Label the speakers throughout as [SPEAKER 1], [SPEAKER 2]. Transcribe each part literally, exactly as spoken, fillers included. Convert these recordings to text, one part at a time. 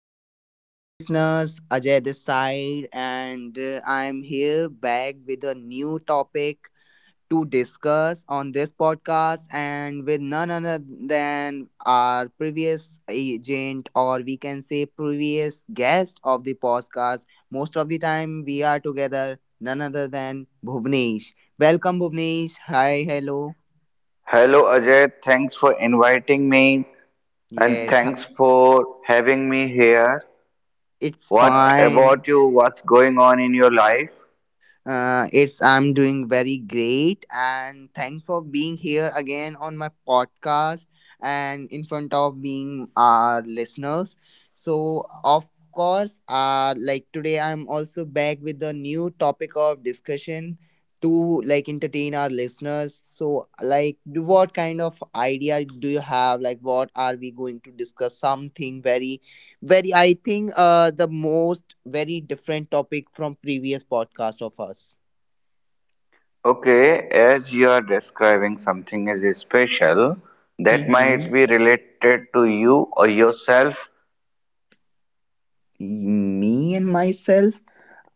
[SPEAKER 1] So, hello, listeners. Ajay this side, and uh, I'm here back with a new topic to discuss on this podcast, and with none other than our previous agent, or we can say previous guest of the podcast. Most of the time, we are together, none other than Bhuvnesh. Welcome, Bhuvnesh. Hi, hello.
[SPEAKER 2] Hello Ajay, thanks for inviting me and
[SPEAKER 1] Yes, hi-
[SPEAKER 2] thanks for having me here.
[SPEAKER 1] it's
[SPEAKER 2] What
[SPEAKER 1] fine.
[SPEAKER 2] about you? What's going on in your life?
[SPEAKER 1] Uh, it's I'm doing very great, and thanks for being here again on my podcast and in front of being our listeners. So of course, uh, like today I'm also back with the new topic of discussion to like entertain our listeners. So like, do- what kind of idea do you have? Like, what are we going to discuss? Something very very, I think, uh, the most very different topic from previous podcast of us.
[SPEAKER 2] Okay, as you are describing something as special, that
[SPEAKER 1] Mm-hmm.
[SPEAKER 2] might be related to you or yourself.
[SPEAKER 1] Me and myself,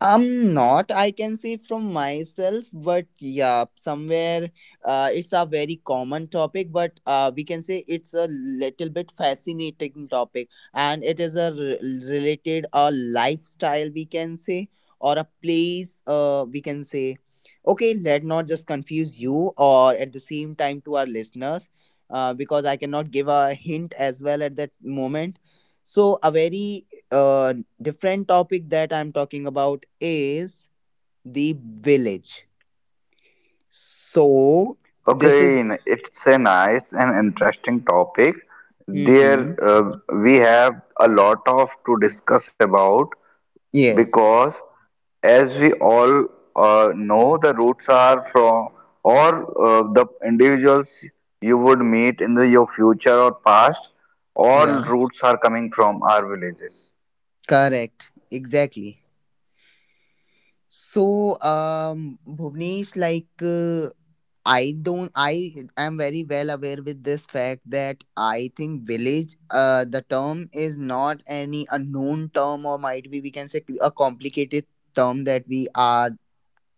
[SPEAKER 1] I'm not, I can say from myself, but yeah, somewhere uh, it's a very common topic, but uh, we can say it's a little bit fascinating topic and it is a re- related a lifestyle, we can say, or a place, uh, we can say. Okay, let not just confuse you or at the same time to our listeners, uh, because I cannot give a hint as well at that moment so, a very uh, different topic that I'm talking about is the village. So, this is.
[SPEAKER 2] Okay, n- it's a nice and interesting topic. There,
[SPEAKER 1] Hmm.
[SPEAKER 2] uh, we have a lot of to discuss about,
[SPEAKER 1] Yes.
[SPEAKER 2] because as we all uh, know, the roots are from or uh, the individuals you would meet in the, your future or past, all
[SPEAKER 1] Yeah.
[SPEAKER 2] roots are coming from our villages.
[SPEAKER 1] Correct. Exactly. So, um, Bhuvnesh, like, uh, I don't, I am very well aware with this fact that I think village, uh, the term is not any unknown term or might be, we can say, a complicated term that we are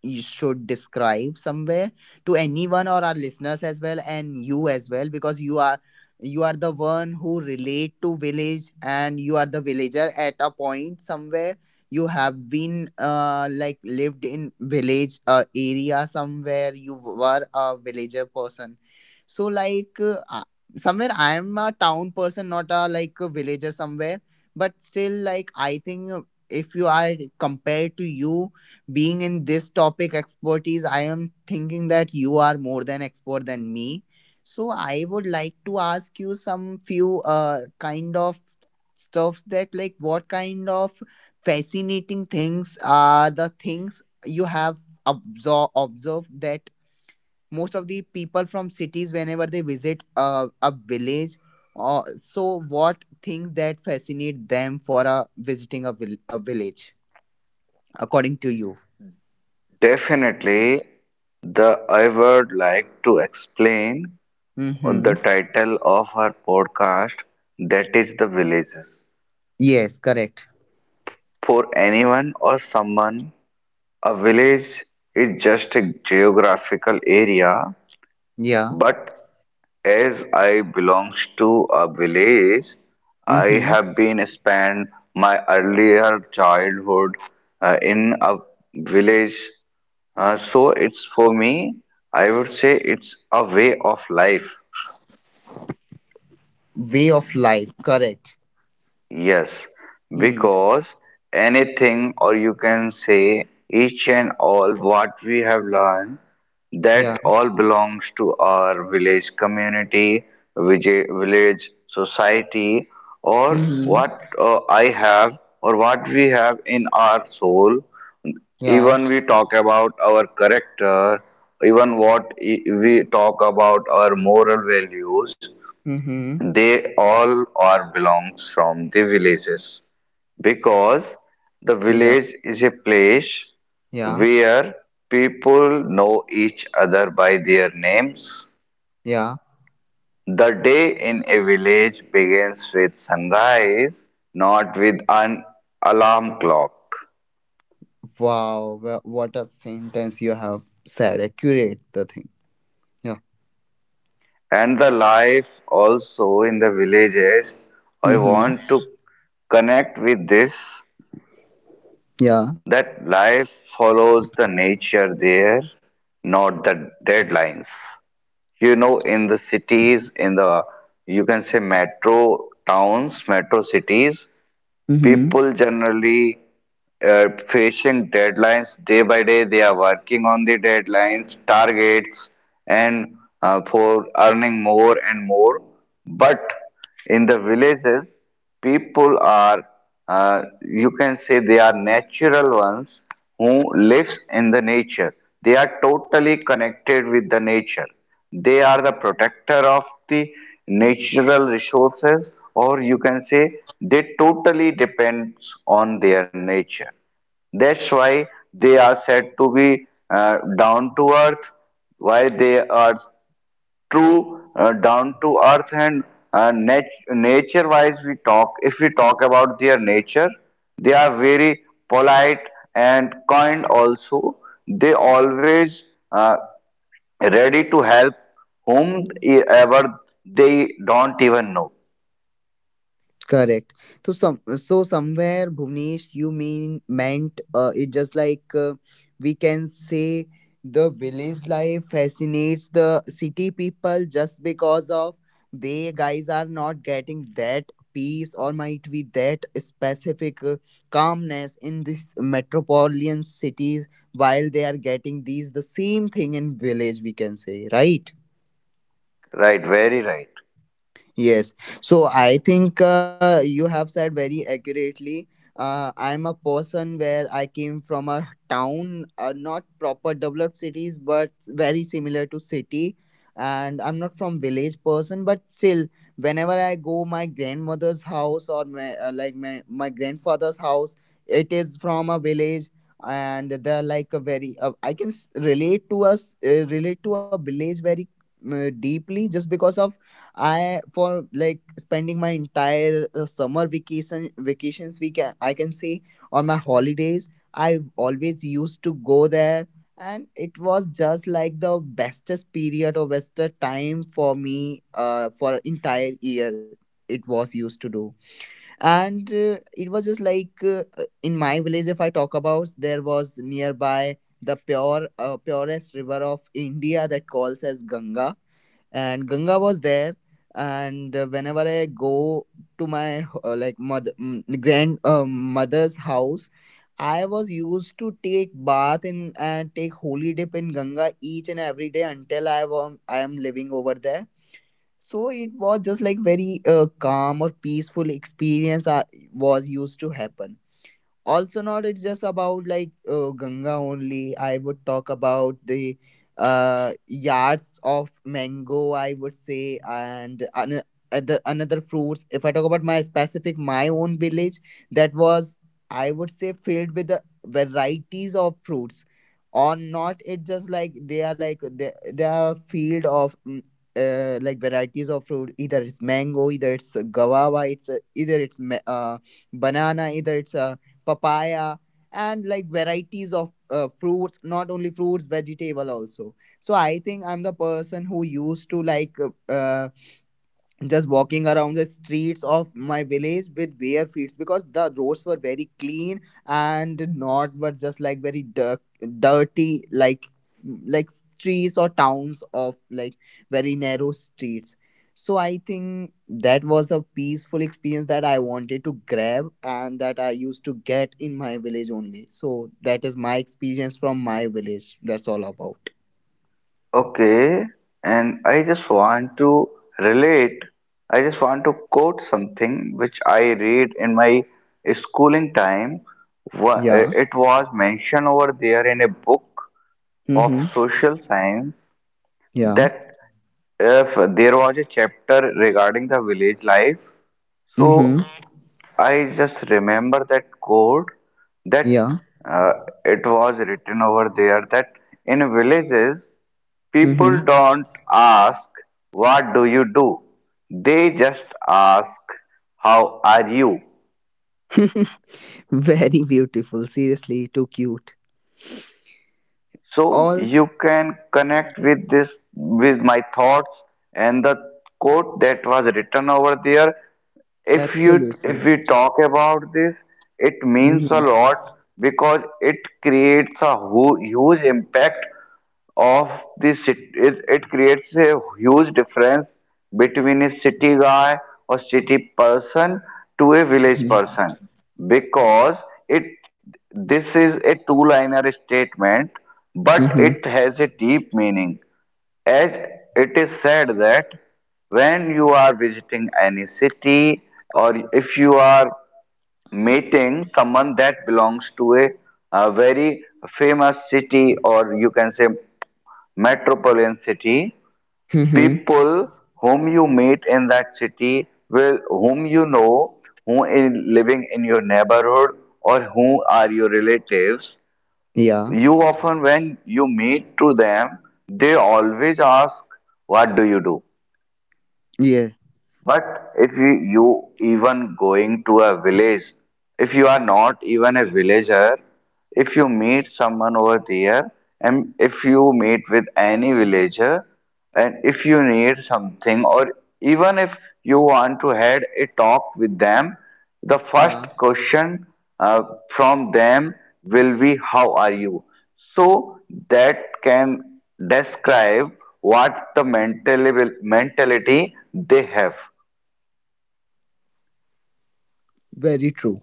[SPEAKER 1] you should describe somewhere to anyone or our listeners as well and you as well because you are you are the one who relate to village and you are the villager at a point somewhere you have been uh, like lived in village uh, area somewhere you were a villager person so like uh, uh, somewhere I am a town person not a like a villager somewhere but still like I think uh, if you are compared to you being in this topic expertise I am thinking that you are more than expert than me, so I would like to ask you some few uh kind of stuffs that like what kind of fascinating things are the things you have absor- observed that most of the people from cities whenever they visit uh, a village, uh, so what things that fascinate them for uh, visiting a, vil- a village according to you.
[SPEAKER 2] Definitely, the I would like to explain
[SPEAKER 1] Mm-hmm.
[SPEAKER 2] the title of our podcast, that is the villages.
[SPEAKER 1] Yes, correct.
[SPEAKER 2] For anyone or someone, a village is just a geographical area,
[SPEAKER 1] Yeah.
[SPEAKER 2] but as I belongs to a village, I
[SPEAKER 1] Mm-hmm.
[SPEAKER 2] have been spent my earlier childhood uh, in a village. Uh, so it's for me, I would say it's a way of life.
[SPEAKER 1] Way of life. Correct.
[SPEAKER 2] Yes,
[SPEAKER 1] Hmm.
[SPEAKER 2] because anything, or you can say each and all what we have learned, that
[SPEAKER 1] Yeah.
[SPEAKER 2] all belongs to our village community, village, village society, or
[SPEAKER 1] Mm-hmm.
[SPEAKER 2] what uh, I have, or what we have in our soul.
[SPEAKER 1] Yeah.
[SPEAKER 2] Even we talk about our character, even what i- we talk about our moral values.
[SPEAKER 1] Mm-hmm.
[SPEAKER 2] They all are belongs from the villages because the
[SPEAKER 1] Yeah.
[SPEAKER 2] village is a place
[SPEAKER 1] Yeah.
[SPEAKER 2] where people know each other by their names.
[SPEAKER 1] Yeah.
[SPEAKER 2] The day in a village begins with sunrise, not with an alarm clock.
[SPEAKER 1] Wow. wha- What a sentence you have said. Accurate the thing. Yeah.
[SPEAKER 2] And the life also in the villages, I
[SPEAKER 1] Mm-hmm.
[SPEAKER 2] want to connect with this.
[SPEAKER 1] Yeah.
[SPEAKER 2] That life follows the nature there, not the deadlines. You know, in the cities, in the you can say metro towns, metro cities,
[SPEAKER 1] Mm-hmm.
[SPEAKER 2] people generally uh, facing deadlines day by day. They are working on the deadlines, targets, and uh, for earning more and more. But in the villages, people are, uh, you can say, they are natural ones who lives in the nature. They are totally connected with the nature. They are the protector of the natural resources, or you can say they totally depends on their nature. That's why they are said to be uh, down to earth, why they are true uh, down to earth, and uh, nat- nature wise we talk, if we talk about their nature, they are very polite and kind also. They always uh, ready to help whom e, ever they don't even know.
[SPEAKER 1] Correct. So some so somewhere Bhuvnesh, you mean meant uh, it just like uh, we can say the village life fascinates the city people just because of they guys are not getting that peace or might be that specific uh, calmness in these metropolitan cities while they are getting these the same thing in village we can say, right?
[SPEAKER 2] Right, very right.
[SPEAKER 1] Yes. So I think uh, you have said very accurately. Uh, I'm a person where I came from a town, uh, not proper developed cities, but very similar to city. And I'm not from village person, but still, whenever I go my grandmother's house or my, uh, like my, my grandfather's house, it is from a village, and they're like a very uh, I can s- relate to us uh, relate to a village very uh, deeply just because of I for like spending my entire uh, summer vacation vacations we can I can say on my holidays I always used to go there and it was just like the bestest period or bestest time for me uh, for entire year it was used to do, and uh, it was just like uh, uh, in my village if I talk about there was nearby the pure uh, purest river of India that calls as Ganga and Ganga was there. And uh, whenever I go to my uh, like mother mm, grand uh, mother's house, I was used to take bath in and take holy dip in Ganga each and every day until I was I am living over there. So it was just like very uh, calm or peaceful experience I was used to happen. Also not it's just about like uh, Ganga only, I would talk about the uh yards of mango I would say, and an- other another fruits if I talk about my specific my own village that was I would say filled with the varieties of fruits, or not it just like they are like they, they are a field of mm, uh, like varieties of fruit, either it's mango, either it's guava, it's uh, either it's ma- uh, banana, either it's a papaya, and like varieties of uh, fruits, not only fruits, vegetable also. So I think I'm the person who used to like uh, uh, just walking around the streets of my village with bare feet because the roads were very clean and not but just like very dir- dirty like like streets or towns of like very narrow streets. So I think that was the peaceful experience that I wanted to grab and that I used to get in my village only, so that is my experience from my village, that's all about.
[SPEAKER 2] Okay, and I just want to relate, I just want to quote something which I read in my schooling time. Wha-
[SPEAKER 1] Yeah.
[SPEAKER 2] It was mentioned over there in a book of
[SPEAKER 1] Mhm.
[SPEAKER 2] social science
[SPEAKER 1] Yeah.
[SPEAKER 2] that, if there was a chapter regarding the village life,
[SPEAKER 1] Mhm.
[SPEAKER 2] so I just remember that quote that
[SPEAKER 1] Yeah.
[SPEAKER 2] uh, it was written over there that in villages
[SPEAKER 1] Mhm.
[SPEAKER 2] people don't ask what do you do, they just ask how are you.
[SPEAKER 1] Very beautiful. Seriously, too cute.
[SPEAKER 2] So
[SPEAKER 1] All
[SPEAKER 2] you can connect with this with my thoughts and the quote that was written over there. if you if
[SPEAKER 1] absolutely.
[SPEAKER 2] we talk about this, it means a
[SPEAKER 1] Mm-hmm.
[SPEAKER 2] lot because it creates a hu- huge impact of the city. It, it creates a huge difference between a city guy or city person to a village
[SPEAKER 1] Mm-hmm.
[SPEAKER 2] person, because it this is a two liner statement, but
[SPEAKER 1] Mm-hmm.
[SPEAKER 2] it has a deep meaning. As it is said that when you are visiting any city, or if you are meeting someone that belongs to a, a very famous city, or you can say metropolitan city,
[SPEAKER 1] Mm-hmm.
[SPEAKER 2] people whom you meet in that city, will whom you know, who is living in your neighborhood, or who are your relatives,
[SPEAKER 1] Yeah.
[SPEAKER 2] you often when you meet to them, they always ask what do you do.
[SPEAKER 1] Yeah.
[SPEAKER 2] But if you, you even going to a village, if you are not even a villager, if you meet someone over there, and if you meet with any villager, and if you need something, or even if you want to had a talk with them, the first
[SPEAKER 1] Yeah.
[SPEAKER 2] question uh, from them will be how are you? So that can describe what the mental mentality they have.
[SPEAKER 1] Very true.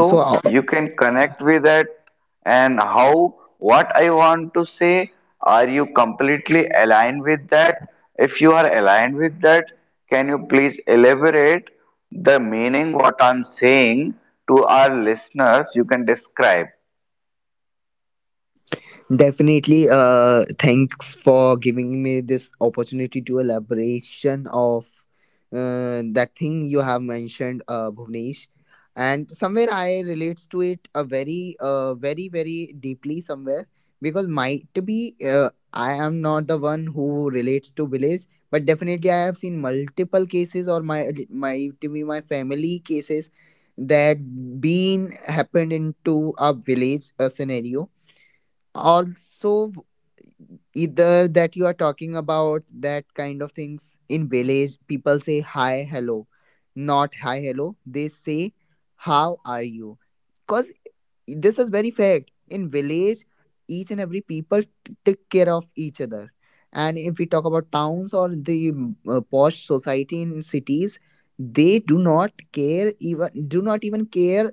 [SPEAKER 1] So, uh,
[SPEAKER 2] you can connect with that. And how what I want to say, are you completely aligned with that? If you are aligned with that, can you please elaborate the meaning what I'm saying to our listeners? You can describe.
[SPEAKER 1] definitely. Uh, thanks for giving me this opportunity to elaboration of uh, that thing you have mentioned, uh, Bhuvnesh. And somewhere I relates to it a very, uh, very, very deeply somewhere because might be uh, I am not the one who relates to village, but definitely I have seen multiple cases or my might be my family cases that been happened into a village uh, scenario also, either that you are talking about that kind of things in village people say hi hello, not hi hello they say how are you because this is very fact in village, each and every people t- take care of each other. And if we talk about towns or the mm, uh, posh society in cities, they do not care, even do not even care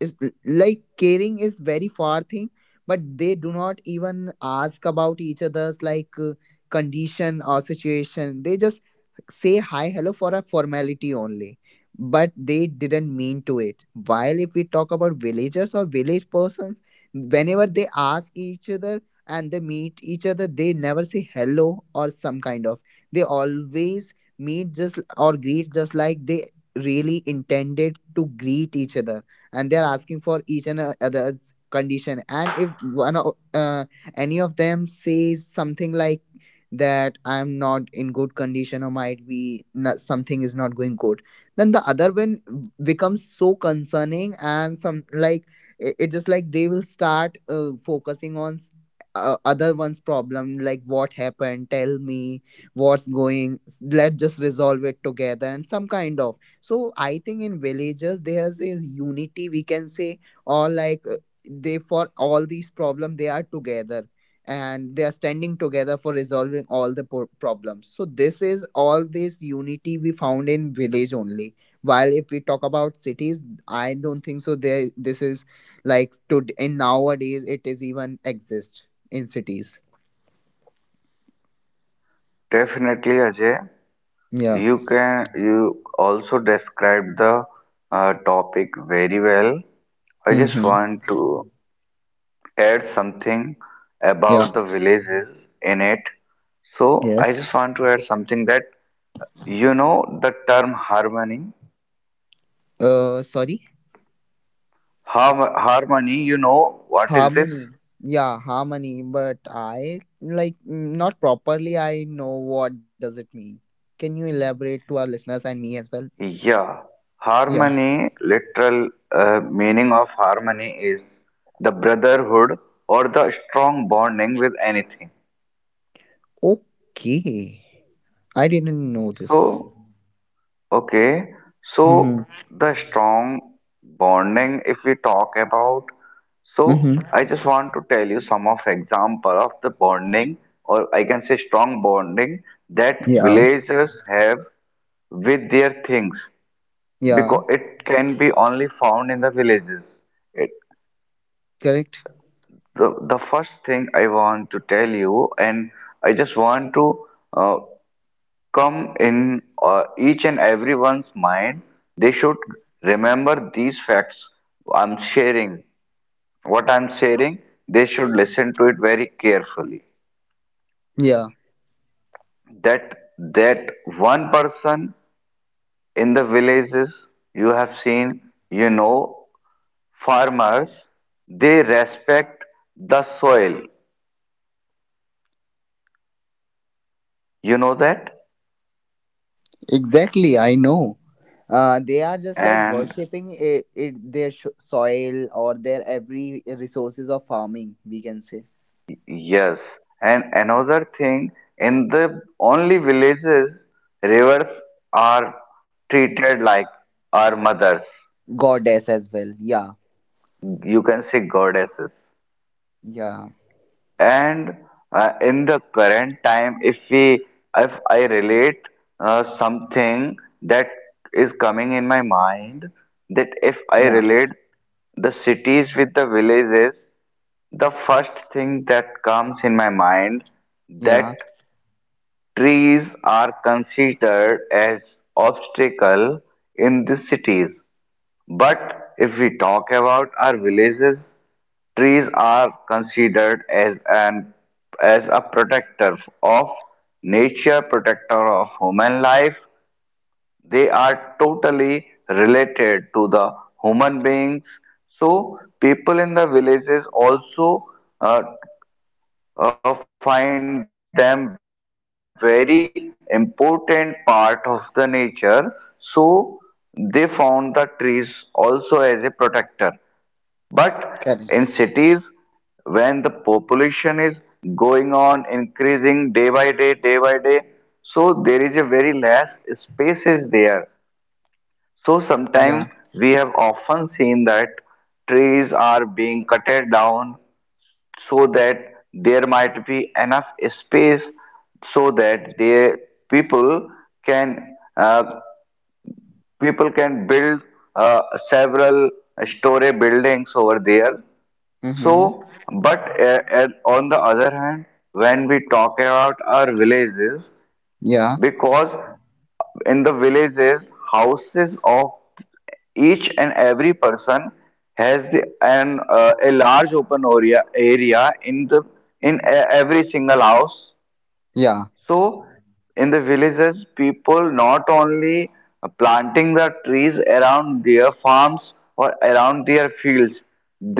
[SPEAKER 1] is like caring is very far thing, but they do not even ask about each other's like uh, condition or situation, they just say hi hello for a formality only, but they didn't mean to it. While if we talk about villagers or village persons, whenever they ask each other and they meet each other, they never say hello or some kind of, they always meet just or greet just like they really intended to greet each other, and they're asking for each and uh, other's condition. And if one o- uh, any of them says something like that I'm not in good condition or might be not, something is not going good, then the other one becomes so concerning and some like, it, it just like they will start uh, focusing on s- uh, other one's problem like what happened, tell me what's going, let's just resolve it together and some kind of. So I think in villages there's a unity we can say, or like uh, they for all these problems they are together and they are standing together for resolving all the pro- problems. So this is all this unity we found in village only. While if we talk about cities, I don't think so. There this is like to in nowadays it is even exist in cities.
[SPEAKER 2] Definitely, Ajay.
[SPEAKER 1] Yeah.
[SPEAKER 2] You can you also described the uh, topic very well. I just
[SPEAKER 1] Mm-hmm.
[SPEAKER 2] want to add something
[SPEAKER 1] Yeah.
[SPEAKER 2] about the villages in it. So I
[SPEAKER 1] Yes.
[SPEAKER 2] just want to add something that you know the term harmony.
[SPEAKER 1] Uh, sorry.
[SPEAKER 2] Har Harmony, you know what is this?
[SPEAKER 1] Harmony. Yeah, harmony, but I like mm, not properly I know what does it mean. Can you elaborate to our listeners and me as well?
[SPEAKER 2] Yeah,
[SPEAKER 1] Yeah.
[SPEAKER 2] harmony, literal uh, meaning of harmony is the brotherhood or the strong bonding with anything.
[SPEAKER 1] Okay. I didn't know this.
[SPEAKER 2] So, okay,
[SPEAKER 1] Mm-hmm.
[SPEAKER 2] so the strong bonding, if we talk about, so
[SPEAKER 1] Mm-hmm.
[SPEAKER 2] I just want to tell you some of example of the bonding, or I can say strong bonding that
[SPEAKER 1] Yeah.
[SPEAKER 2] villagers have with their things,
[SPEAKER 1] Yeah.
[SPEAKER 2] because it can be only found in the villages.
[SPEAKER 1] Correct.
[SPEAKER 2] The, the first thing I want to tell you, and I just want to uh, come in uh, each and everyone's mind, they should remember these facts I'm sharing. What I'm sharing, they should listen to it very carefully.
[SPEAKER 1] Yeah.
[SPEAKER 2] That that one person in the villages, you have seen, you know, farmers, they respect the soil. You know that?
[SPEAKER 1] Exactly. I know. Uh, they are just like
[SPEAKER 2] And
[SPEAKER 1] worshipping it, it their sh- soil or their every resources of farming. We can say
[SPEAKER 2] yes, and another thing, in the only villages, rivers are treated like our mothers.
[SPEAKER 1] goddess as well. Yeah.
[SPEAKER 2] You can say goddesses.
[SPEAKER 1] Yeah.
[SPEAKER 2] And uh, in the current time, if we, if I relate uh, something that is coming in my mind, that if I
[SPEAKER 1] Yeah.
[SPEAKER 2] relate the cities with the villages, the first thing that comes in my mind that
[SPEAKER 1] Yeah.
[SPEAKER 2] trees are considered as obstacle in the cities, but if we talk about our villages, trees are considered as an as a protector of nature, protector of human life. They are totally related to the human beings. So people in the villages also uh, uh, find them very important part of the nature, so they found the trees also as a protector. But in
[SPEAKER 1] Correct.
[SPEAKER 2] cities, when the population is going on increasing day by day day by day so there is a very less spaces there, so
[SPEAKER 1] Yeah.
[SPEAKER 2] sometimes we have often seen that trees are being cutted down so that there might be enough space, so that the people can uh, people can build uh, several story buildings over there. So
[SPEAKER 1] Mm-hmm.
[SPEAKER 2] but uh, uh, on the other hand, when we talk about our villages,
[SPEAKER 1] Yeah.
[SPEAKER 2] because in the villages houses of each and every person has the, an uh, a large open area area in the in e- every single house,
[SPEAKER 1] Yeah.
[SPEAKER 2] so in the villages people not only planting the trees around their farms or around their fields,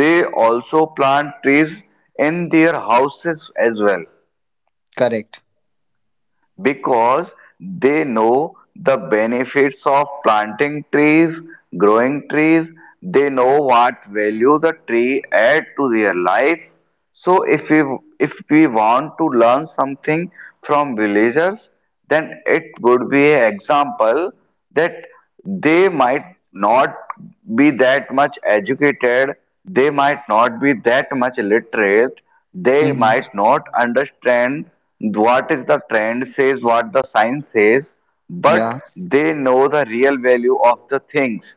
[SPEAKER 2] they also plant trees in their houses as well,
[SPEAKER 1] Correct.
[SPEAKER 2] because they know the benefits of planting trees, growing trees, they know what value the tree add to their life. So if we if we want to learn something from villagers, then it would be an example that they might not be that much educated, they might not be that much literate, they
[SPEAKER 1] Mm-hmm.
[SPEAKER 2] might not understand what is the trend says, what the science says, but
[SPEAKER 1] Yeah.
[SPEAKER 2] they know the real value of the things.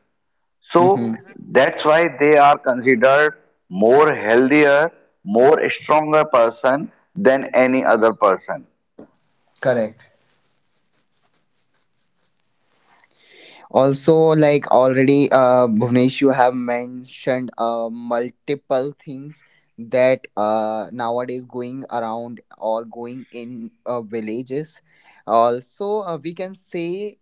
[SPEAKER 2] So
[SPEAKER 1] Mm-hmm.
[SPEAKER 2] that's why they are considered more healthier, more stronger person than any other person.
[SPEAKER 1] Correct. Also, like already, uh, Bhuvnesh, you have mentioned uh, multiple things that uh, nowadays going around or going in uh, villages. Also, uh, we can say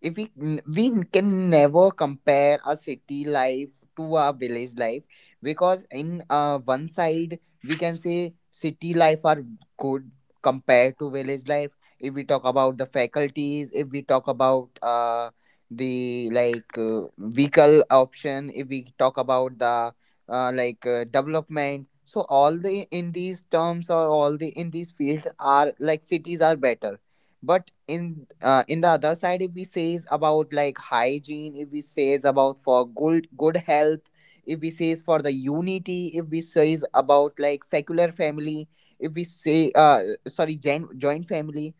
[SPEAKER 1] if we we can never compare a city life to a village life because in uh, one side we can say city life are good compared to village life if we talk about the faculties, if we talk about uh, the like uh, vehicle option, if we talk about the uh, like uh, development. So all the in these terms or all the in these fields are like cities are better, but in uh, in the other side if we says about like hygiene, if we says about for good good health, if we says for the unity, if we says about like secular family, if we say uh sorry gen- joint family,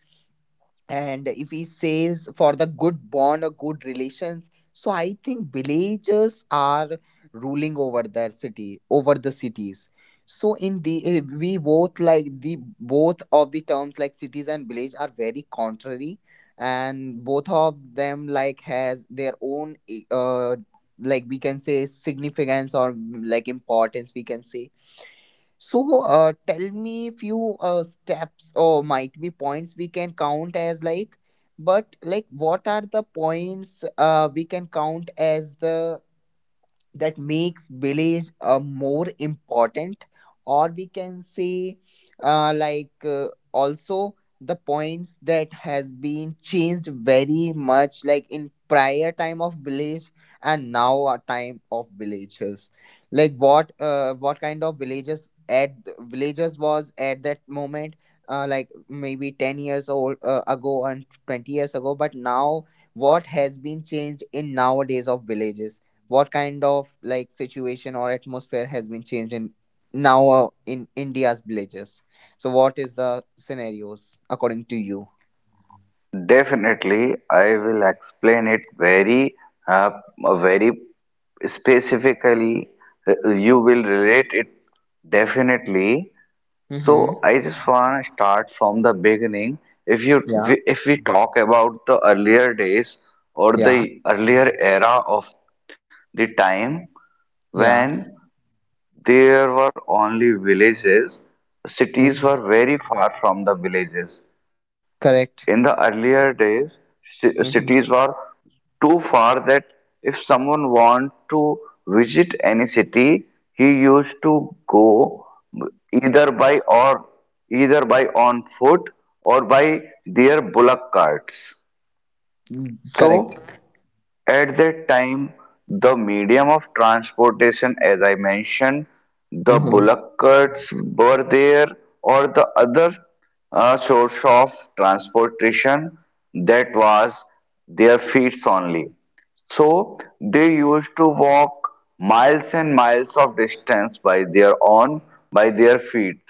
[SPEAKER 1] and if he says for the good bond or good relations, so I think villages are ruling over their city, over the cities. So in the eh, we both like the both of the terms like cities and village are very contrary, and both of them like has their own eh, uh like we can say significance or mm, like importance we can say. So, uh, tell me few uh, steps or might be points we can count as like, but like what are the points uh, we can count as the that makes village uh, more important, or we can say uh, like uh, also the points that has been changed very much like in prior time of village and now our time of villages. Like what uh, what kind of villages at villages was at that moment, uh, like maybe ten years old uh, ago and twenty years ago, but now what has been changed in nowadays of villages, what kind of like situation or atmosphere has been changed in now uh, in India's villages. So what is the scenarios according to you?
[SPEAKER 2] Definitely, I will explain it very, uh, very specifically. Uh, You will relate it definitely.
[SPEAKER 1] Mm-hmm.
[SPEAKER 2] So I just want to start from the beginning. If you,
[SPEAKER 1] Yeah.
[SPEAKER 2] we- if we talk about the earlier days or the
[SPEAKER 1] Yeah.
[SPEAKER 2] earlier era of the time when
[SPEAKER 1] Yeah.
[SPEAKER 2] there were only villages, cities
[SPEAKER 1] Hmm.
[SPEAKER 2] were very far from the villages. In
[SPEAKER 1] Correct.
[SPEAKER 2] the earlier days, ci- cities
[SPEAKER 1] Hmm.
[SPEAKER 2] were too far that if someone wanted to visit any city, he used to go either by or either by on foot or by their bullock carts.
[SPEAKER 1] Correct.
[SPEAKER 2] So at that time, the medium of transportation, as I mentioned, the
[SPEAKER 1] Hmm.
[SPEAKER 2] bullock carts were there, or the other uh, source of transportation, that was their feet only. So they used to walk miles and miles of distance by their own, by their feet.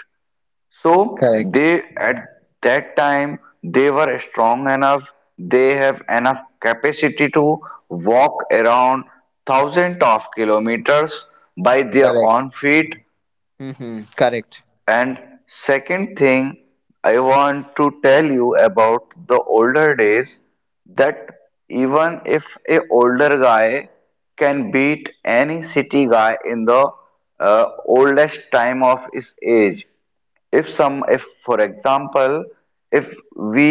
[SPEAKER 2] So
[SPEAKER 1] Correct.
[SPEAKER 2] they at that time they were strong enough, they have enough capacity to walk around thousands of kilometers by their
[SPEAKER 1] Correct.
[SPEAKER 2] own feet.
[SPEAKER 1] Hmm. Correct.
[SPEAKER 2] And second thing I want to tell you about the older days, that even if a older guy can beat any city guy in the uh, oldest time of his age, if some if for example, if we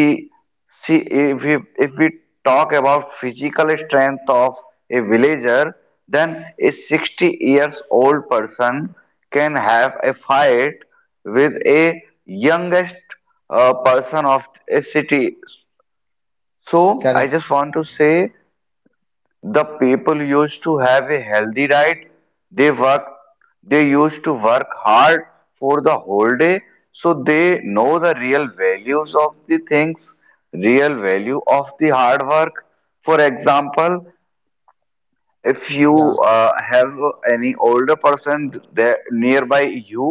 [SPEAKER 2] see if we if we talk about physical strength of a villager, then a sixty years old person can have a fight with a youngest uh, person of a city. So I
[SPEAKER 1] Correct.
[SPEAKER 2] just want to say the people used to have a healthy diet. They work. They used to work hard for the whole day, so they know the real values of the things, real value of the hard work. For example, if you
[SPEAKER 1] Yeah.
[SPEAKER 2] uh, have any older person th- there nearby you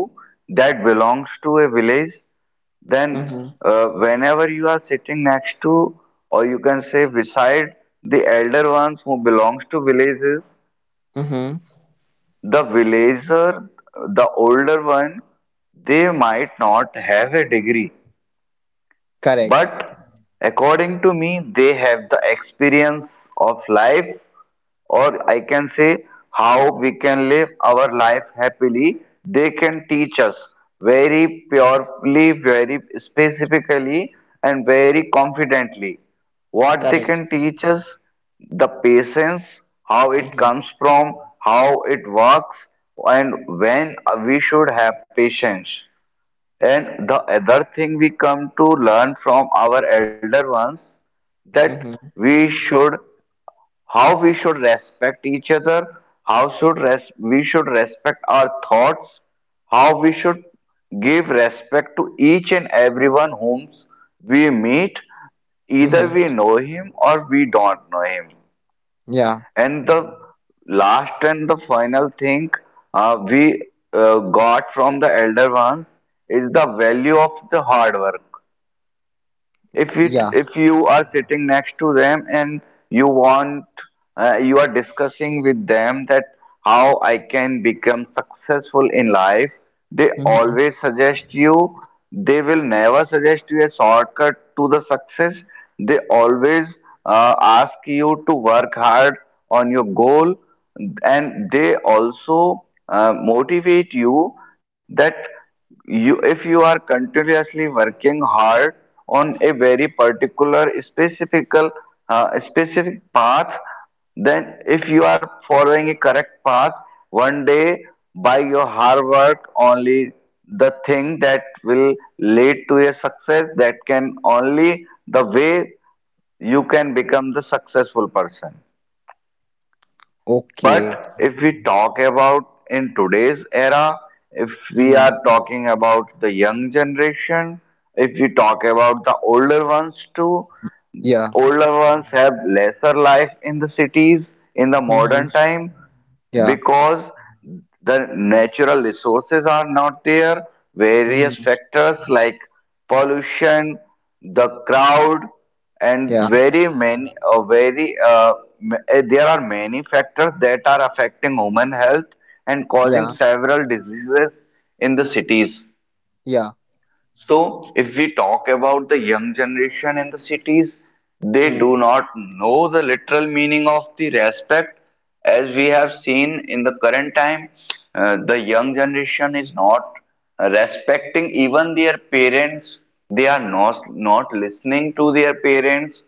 [SPEAKER 2] that belongs to a village, then
[SPEAKER 1] Hmm.
[SPEAKER 2] uh, whenever you are sitting next to, or you can say beside the elder ones who belongs to villages,
[SPEAKER 1] Hmm.
[SPEAKER 2] the villager, the older one, they might not have a degree,
[SPEAKER 1] Correct.
[SPEAKER 2] but according to me, they have the experience of life, or I can say how we can live our life happily. They can teach us very purely, very specifically, and very confidently. What they
[SPEAKER 1] Correct.
[SPEAKER 2] can teach us, the patience, how it
[SPEAKER 1] Hmm.
[SPEAKER 2] comes from, how it works, and when we should have patience. And the other thing we come to learn from our elder ones that
[SPEAKER 1] Hmm.
[SPEAKER 2] we should, how we should respect each other, how should res- we should respect our thoughts, how we should give respect to each and everyone whom we meet, either
[SPEAKER 1] Hmm.
[SPEAKER 2] we know him or we don't know him.
[SPEAKER 1] Yeah.
[SPEAKER 2] And the last and the final thing uh, we uh, got from the elder ones is the value of the hard work. If it
[SPEAKER 1] Yeah.
[SPEAKER 2] if you are sitting next to them and you want, uh, you are discussing with them that how I can become successful in life, they
[SPEAKER 1] Hmm.
[SPEAKER 2] always suggest you, they will never suggest you a shortcut to the success. They always uh, ask you to work hard on your goal, and they also uh, motivate you that you, if you are continuously working hard on a very particular specific, uh, specific path, then if you are following a correct path, one day by your hard work only, the thing that will lead to a success, that can only, the way you can become the successful person.
[SPEAKER 1] Okay.
[SPEAKER 2] But if we talk about in today's era, if we
[SPEAKER 1] Hmm.
[SPEAKER 2] are talking about the young generation, if we talk about the older ones too,
[SPEAKER 1] Yeah.
[SPEAKER 2] older ones have lesser life in the cities in the
[SPEAKER 1] Hmm.
[SPEAKER 2] modern time
[SPEAKER 1] Yeah.
[SPEAKER 2] because the natural resources are not there,
[SPEAKER 1] Hmm.
[SPEAKER 2] various factors like pollution, the crowd, and very many, uh, very uh, m- uh, there are many factors that are affecting human health and causing
[SPEAKER 1] Yeah,
[SPEAKER 2] several diseases in the cities.
[SPEAKER 1] yeah,
[SPEAKER 2] So, if we talk about the young generation in the cities, they do
[SPEAKER 1] hmm,
[SPEAKER 2] not know the literal meaning of the respect. As we have seen in the current time, uh, the young generation is not respecting even their parents. They are not, not listening to their parents.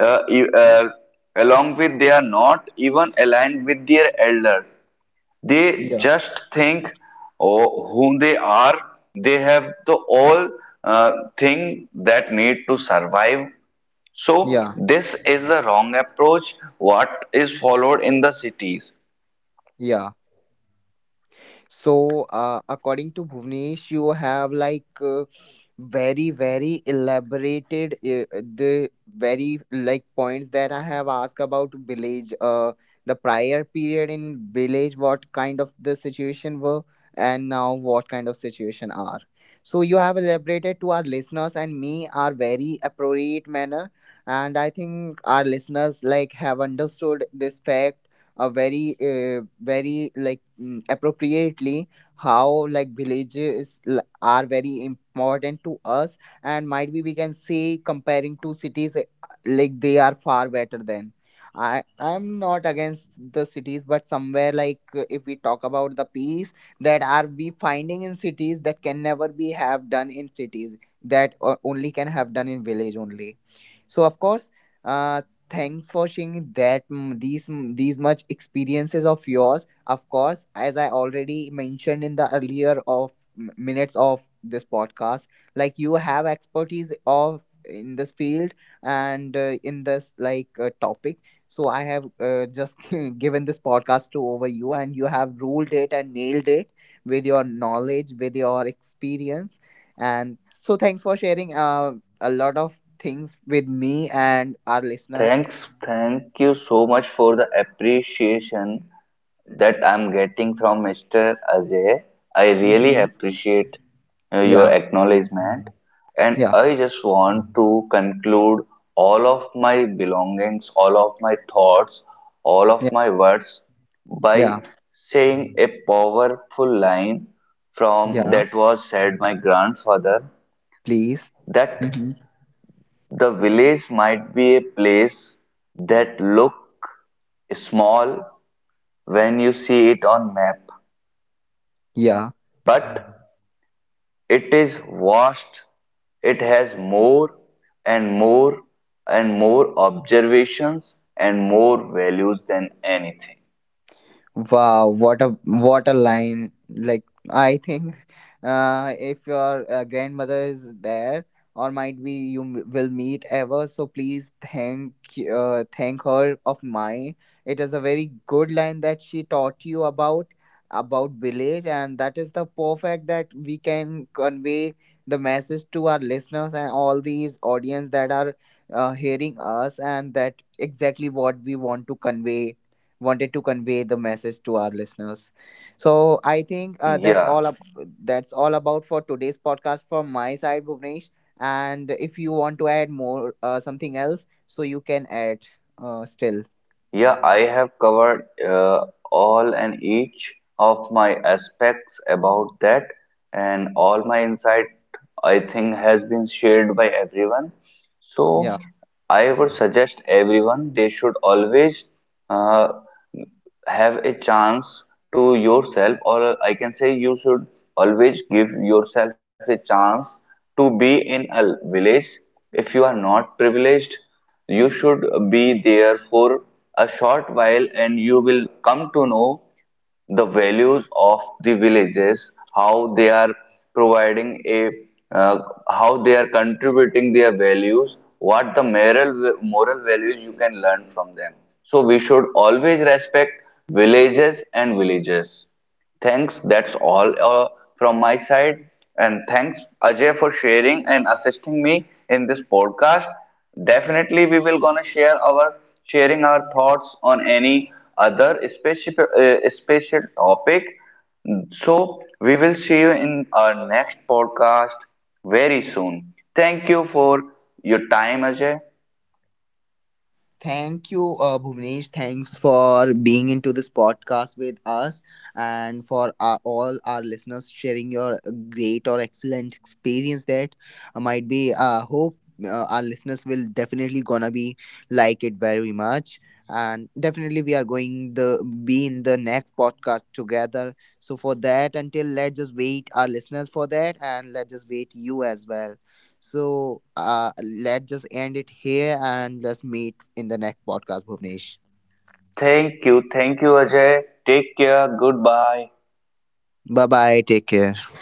[SPEAKER 2] Uh, e- uh, Along with, they are not even aligned with their elders. They
[SPEAKER 1] yeah,
[SPEAKER 2] just think, oh, whom they are. They have the all uh, thing that need to survive. So
[SPEAKER 1] yeah,
[SPEAKER 2] this is the wrong approach. What is followed in the cities?
[SPEAKER 1] yeah. So, uh, according to Bhuvnesh, you have like uh, very, very elaborated uh, the very like points that I have asked about village, uh, the prior period in village, what kind of the situation were, and now what kind of situation are. So you have elaborated to our listeners and me are very appropriate manner, and I think our listeners like have understood this fact uh, very uh, very like mm, appropriately how like villages l- are very important to us, and might be we can say comparing to cities uh, like they are far better than. I i'm not against the cities, but somewhere like uh, if we talk about the peace that are we finding in cities, that can never be have done in cities, that uh, only can have done in village only. So of course, uh, thanks for sharing that mm, these mm, these much experiences of yours. Of course, as I already mentioned in the earlier of m- minutes of this podcast, like you have expertise of in this field and uh, in this like uh, topic. So I have uh, just given this podcast to over you, and you have ruled it and nailed it with your knowledge, with your experience. And so thanks for sharing uh a lot of things with me and our listeners.
[SPEAKER 2] Thanks, thank you so much for the appreciation that I'm getting from mister Ajay. I really
[SPEAKER 1] Mm-hmm.
[SPEAKER 2] appreciate uh, your
[SPEAKER 1] Yeah,
[SPEAKER 2] acknowledgement, and
[SPEAKER 1] yeah,
[SPEAKER 2] I just want to conclude all of my belongings, all of my thoughts, all of
[SPEAKER 1] yeah,
[SPEAKER 2] my words by
[SPEAKER 1] yeah,
[SPEAKER 2] saying a powerful line from
[SPEAKER 1] yeah.
[SPEAKER 2] that was said my grandfather,
[SPEAKER 1] Please.
[SPEAKER 2] that
[SPEAKER 1] Mm-hmm.
[SPEAKER 2] the village might be a place that look small when you see it on map,
[SPEAKER 1] Yeah.
[SPEAKER 2] but it is vast. It has more and more and more observations and more values than anything.
[SPEAKER 1] Wow, what a what a line! Like I think, uh, if your uh, grandmother is there, or might be you m- will meet ever, so please thank y- uh, thank her of mine. It is a very good line that she taught you about about village, and that is the perfect that we can convey the message to our listeners and all these audience that are uh, hearing us, and that exactly what we want to convey wanted to convey the message to our listeners. So I think uh, that's
[SPEAKER 2] Yeah,
[SPEAKER 1] all up, that's all about for today's podcast from my side, Bhuvnesh. And if you want to add more uh, something else, so you can add uh, still.
[SPEAKER 2] Yeah, I have covered uh, all and each of my aspects about that, and all my insight I think has been shared by everyone. So
[SPEAKER 1] Yeah.
[SPEAKER 2] I would suggest everyone they should always uh, have a chance to yourself, or I can say you should always give yourself a chance to be in a village. If you are not privileged, you should be there for a short while and you will come to know the values of the villages, how they are providing a, uh, how they are contributing their values, what the moral moral values you can learn from them. So we should always respect villages and villages. Thanks, that's all, uh, from my side. And thanks, Ajay, for sharing and assisting me in this podcast. Definitely, we will gonna share our sharing our thoughts on any other specific, uh, special topic. So we will see you in our next podcast very soon. Thank you for your time, Ajay.
[SPEAKER 1] Thank you, uh, Bhuvnesh. Thanks for being into this podcast with us and for our, all our listeners, sharing your great or excellent experience that might be. Uh, hope uh, our listeners will definitely gonna be like it very much. And definitely, we are going the be in the next podcast together. So for that, until let's just wait our listeners for that, and let's just wait you as well. So uh, let's just end it here and let's meet in the next podcast, Bhuvnesh.
[SPEAKER 2] Thank you, thank you, Ajay. Take care. Goodbye.
[SPEAKER 1] Bye bye. Take care.